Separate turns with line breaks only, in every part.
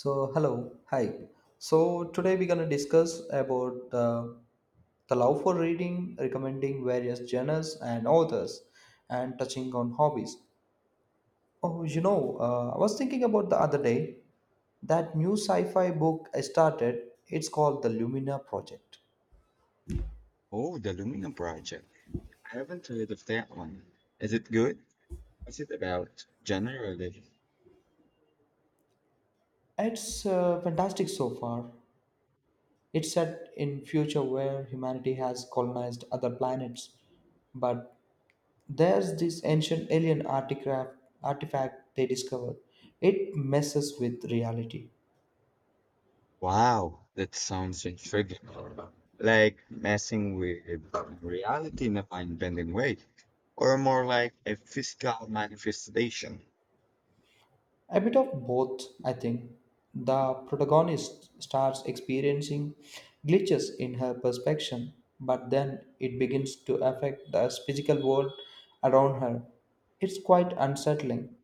So hello, hi. So today we're gonna discuss about the love for reading, recommending various genres and authors, and touching on hobbies. Oh, you know, I was thinking about the other day that new sci-fi book I started. It's called the Lumina Project.
Oh, the Lumina Project. I haven't heard of that one. Is it good? What's it about generally?
It's fantastic so far. It's set in future where humanity has colonized other planets, but there's this ancient alien artifact they discovered. It messes with reality.
Wow, that sounds intriguing. Like messing with reality in a mind-bending way, or more like a physical manifestation.
A bit of both, I think. The protagonist starts experiencing glitches in her perception, but then it begins to affect the physical world around her. It's quite unsettling.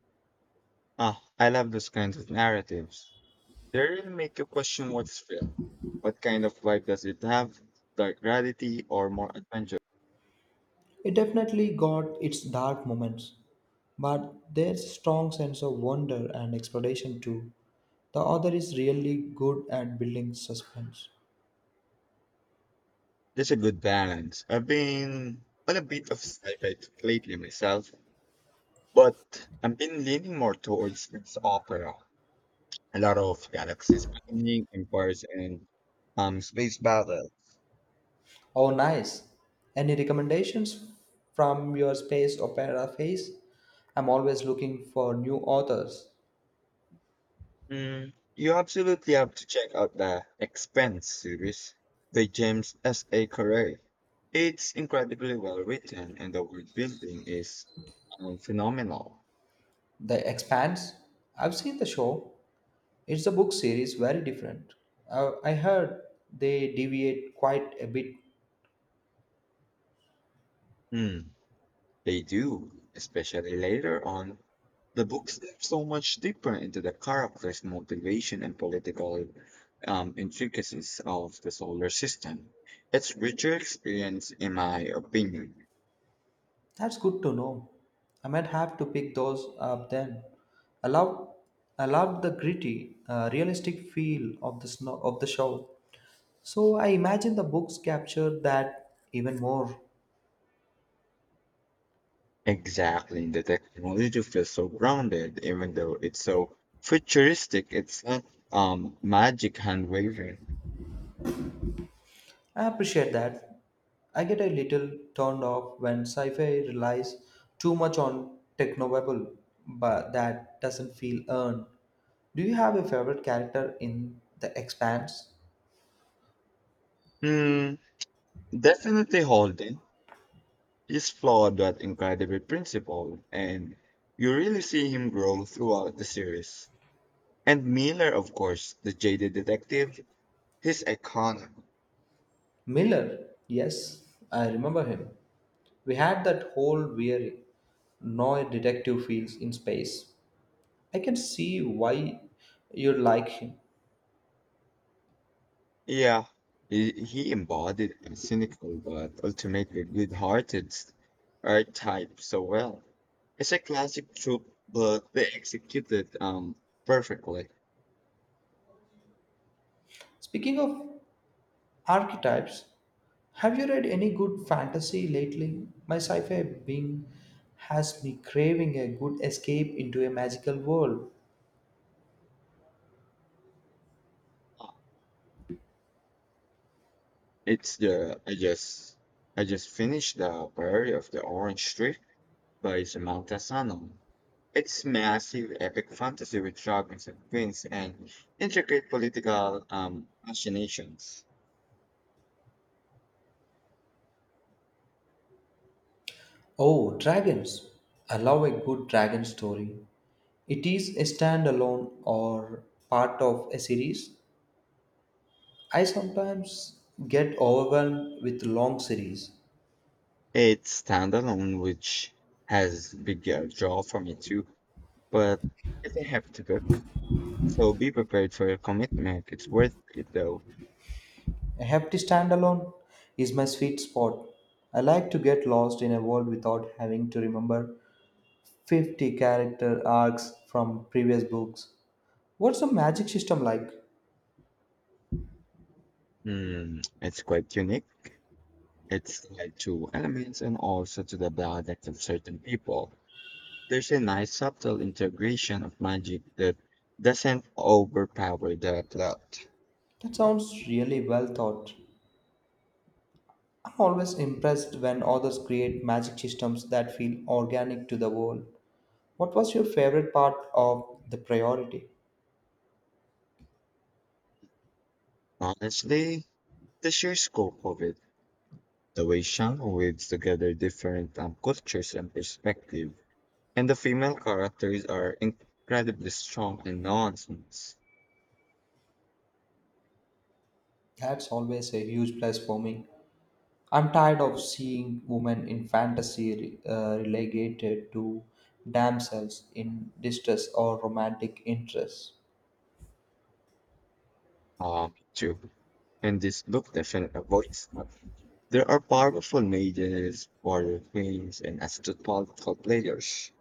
Ah, I love those kinds of narratives. They really make you question what's real. What kind of vibe does it have? Dark reality or more adventure?
It definitely got its dark moments, but there's a strong sense of wonder and exploration too. The author is really good at building suspense.
That's a good balance. I've been on a bit of sci-fi lately myself, but I've been leaning more towards space opera. A lot of galaxies spanning, empires, and space battles.
Oh, nice. Any recommendations from your space opera phase? I'm always looking for new authors.
Mm, you absolutely have to check out the Expanse series by James S. A. Corey. It's incredibly well written, and the world building is phenomenal.
The Expanse? I've seen the show. It's a book series, very different. I heard they deviate quite a bit.
Hmm. They do, especially later on. The books dive so much deeper into the characters' motivation and political intricacies of the solar system. It's richer experience, in my opinion.
That's good to know. I might have to pick those up then. I love, I love the gritty, realistic feel of the snow of the show. So I imagine the books capture that even more.
Exactly, the technology feels so grounded, even though it's so futuristic. It's not magic hand waving.
I appreciate that. I get a little turned off when sci-fi relies too much on technobabble, but that doesn't feel earned. Do you have a favorite character in The Expanse?
Hmm, definitely Holden. He's flawed but incredibly principled, and you really see him grow throughout the series. And Miller, of course, the jaded detective, he's iconic.
Miller, yes, I remember him. We had that whole weary, no detective feels in space. I can see why you like him.
Yeah, he embodied a cynical but ultimately good-hearted archetype so well. It's a classic trope, but they executed perfectly.
Speaking of archetypes, have you read any good fantasy lately? My sci fi being has me craving a good escape into a magical world.
It's the I just finished the Prairie of the Orange Street by Samantha Sanon. It's massive epic fantasy with dragons and queens and intricate political machinations.
Oh, dragons. I love a good dragon story. It is a standalone or part of a series? I sometimes get overwhelmed with long series.
It's standalone, which has big draw for me too, but it's a hefty book, so be prepared for a commitment. It's worth it though.
A hefty standalone is my sweet spot. I like to get lost in a world without having to remember 50 character arcs from previous books. What's the magic system like?
Hmm, it's quite unique. It's tied to elements and also to the dialect of certain people. There's a nice subtle integration of magic that doesn't overpower the plot.
That sounds really well thought. I'm always impressed when authors create magic systems that feel organic to the world. What was your favorite part of the priority?
Honestly, the sheer scope of it, the way Shango weaves together different cultures and perspective, and the female characters are incredibly strong and nuanced.
That's always a huge plus for me. I'm tired of seeing women in fantasy relegated to damsels in distress or romantic interests.
Too. And this book definitely avoids that. There are powerful mages, warrior queens, and astute political players.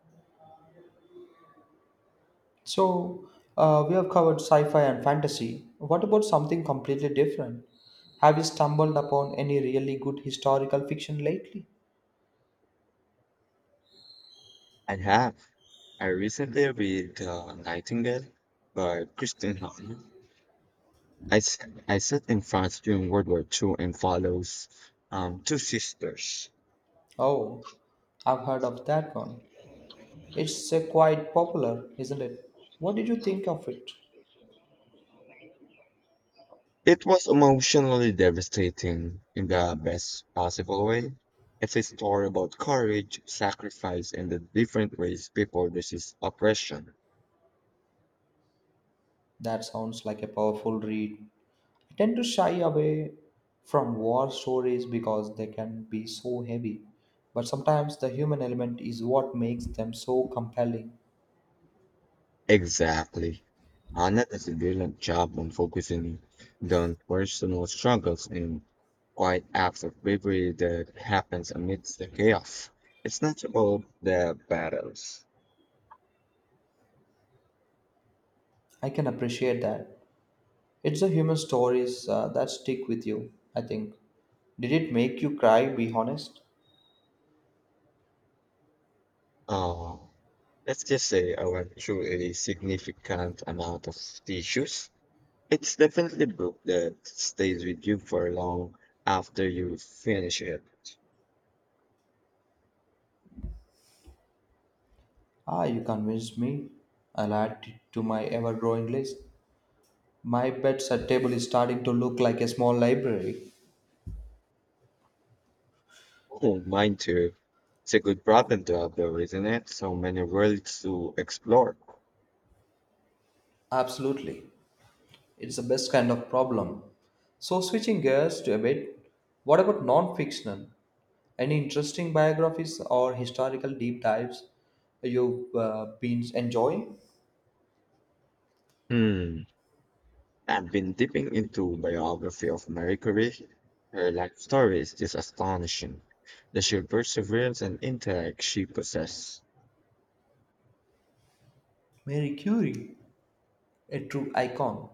So, we have covered sci fi and fantasy. What about something completely different? Have you stumbled upon any really good historical fiction lately?
I have. I recently read Nightingale by Kristen Hahn, I, s- I sat in France during World War II and follows two sisters.
Oh, I've heard of that one. It's quite popular, isn't it? What did you think of it?
It was emotionally devastating in the best possible way. It's a story about courage, sacrifice, and the different ways people resist oppression.
That sounds like a powerful read. I tend to shy away from war stories because they can be so heavy, but sometimes the human element is what makes them so compelling.
Exactly. Anna does a brilliant job on focusing on personal struggles and quiet acts of bravery that happens amidst the chaos. It's not about the battles.
I can appreciate that. It's the human stories that stick with you, I think. Did it make you cry, be honest?
Uh, let's just say I went through a significant amount of tissues. It's definitely book that stays with you for long after you finish it.
Ah, you convinced me. I'll add it to my ever growing list. My bedside table is starting to look like a small library.
Oh, mine too. It's a good problem to have, though, isn't it? So many worlds to explore.
Absolutely. It's the best kind of problem. So, switching gears to a bit, what about non fictional? Any interesting biographies or historical deep dives you've been enjoying?
Hmm. I've been dipping into biography of Marie Curie. Her life story is just astonishing. The sheer perseverance and intellect she possessed.
Mary Curie, a true icon.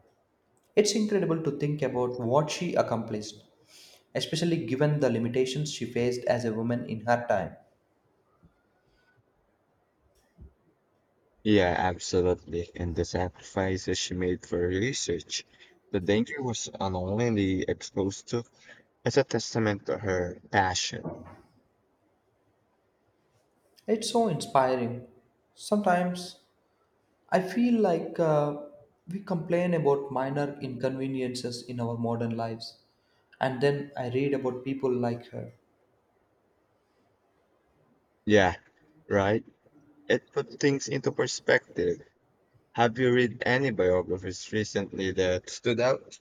It's incredible to think about what she accomplished, especially given the limitations she faced as a woman in her time.
Yeah, absolutely. And the sacrifices she made for her research, the danger was unknowingly exposed to, is a testament to her passion.
It's so inspiring. Sometimes I feel like we complain about minor inconveniences in our modern lives, and then I read about people like her.
Yeah, right? It put things into perspective. Have you read any biographies recently that stood out?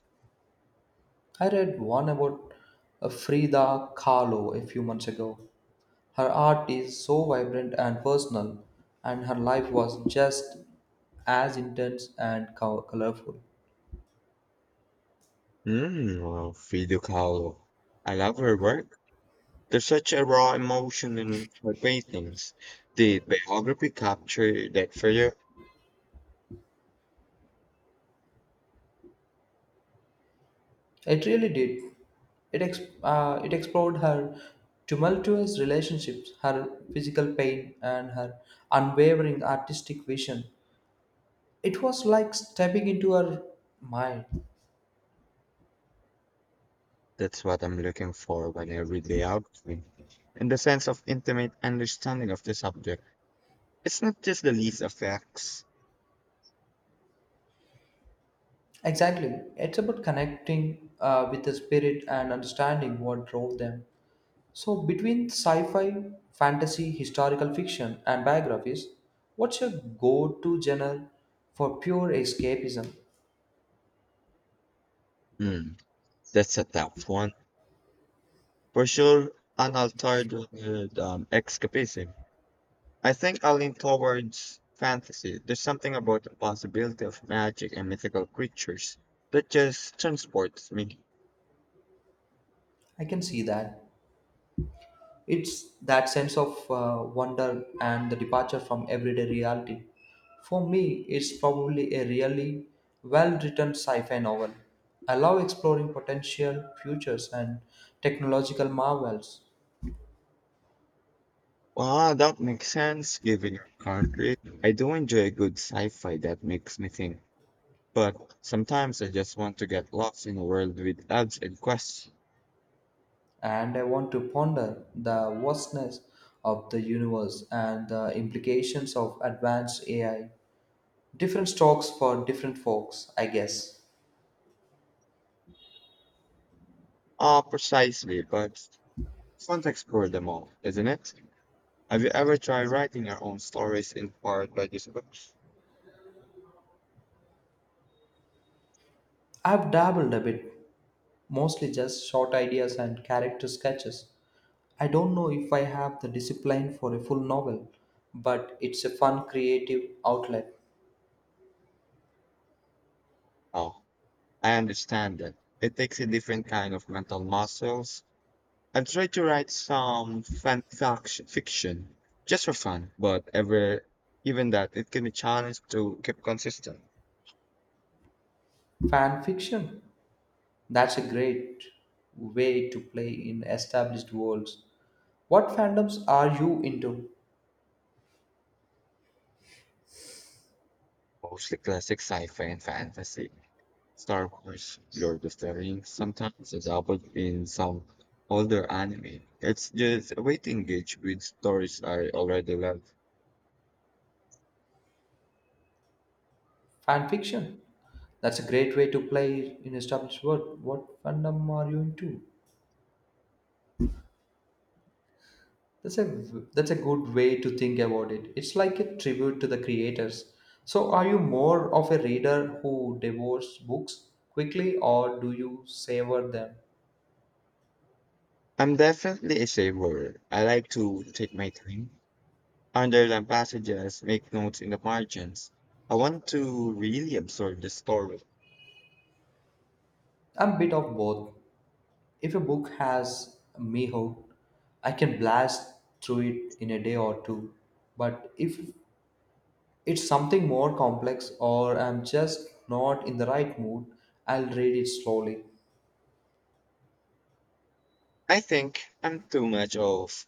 I read one about Frida Kahlo a few months ago. Her art is so vibrant and personal, and her life was just as intense and colorful.
Hmm, well, Frida Kahlo. I love her work. There's such a raw emotion in her paintings. Did biography capture that for you?
It really did. It explored her tumultuous relationships, her physical pain, and her unwavering artistic vision. It was like stepping into her mind.
That's what I'm looking for when I read the outline, and the sense of intimate understanding of the subject. It's not just the list of facts.
Exactly. It's about connecting with the spirit and understanding what drove them. So, between sci fi, fantasy, historical fiction, and biographies, what's your go to genre for pure escapism?
Hmm, that's a tough one. For sure, unaltered with escapism. I think I lean towards fantasy. There's something about the possibility of magic and mythical creatures that just transports me.
I can see that. It's that sense of wonder and the departure from everyday reality. For me, it's probably a really well written sci fi novel. I love exploring potential futures and technological marvels,
Wow, that makes sense given your country. I do enjoy a good sci-fi that makes me think. But sometimes I just want to get lost in a world with ads and quests.
and I want to ponder the vastness of the universe and the implications of advanced AI. Different strokes for different folks, I guess.
Ah, precisely, but it's fun to explore them all, isn't it? Have you ever tried writing your own stories inspired by these books?
I've dabbled a bit, mostly just short ideas and character sketches. I don't know if I have the discipline for a full novel, but it's a fun creative outlet.
Oh, I understand that. It takes a different kind of mental muscles. I've tried to write some fiction just for fun, but ever even that it can be challenged to keep consistent.
Fan fiction? That's a great way to play in established worlds. What fandoms are you into?
Mostly classic sci-fi and fantasy. Star Wars, Lord of the Rings, sometimes adapted in some older anime. It's just a way to engage with stories I already love.
Fan fiction? That's a great way to play in established world. What fandom are you into? That's a that's a good way to think about it. It's like a tribute to the creators. So are you more of a reader who devours books quickly or do you savor them?
I'm definitely a saver. I like to take my time, underline passages, make notes in the margins. I want to really absorb the story.
I'm a bit of both. If a book has me hooked, I can blast through it in a day or two. But if it's something more complex or I'm just not in the right mood, I'll read it slowly.
I think I'm too much of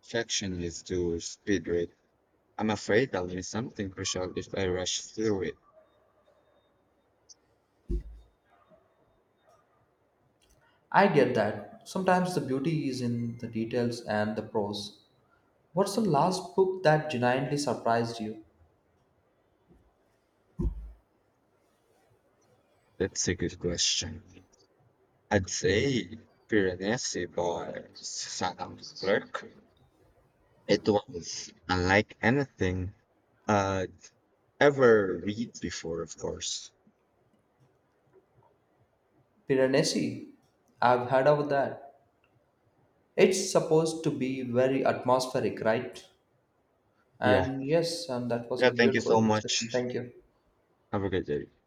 perfectionist to speed read. I'm afraid I'll miss something crucial if I rush through it.
I get that. Sometimes the beauty is in the details and the prose. What's the last book that genuinely surprised you?
That's a good question. I'd say Piranesi by Sam Clarke. It was unlike anything I'd ever read before, of course.
Piranesi. I've heard of that. It's supposed to be very atmospheric, right?
Yeah.
And yes, and that was a
Yeah, thank you so
beautiful session.
much.
Thank you.
Have a good day.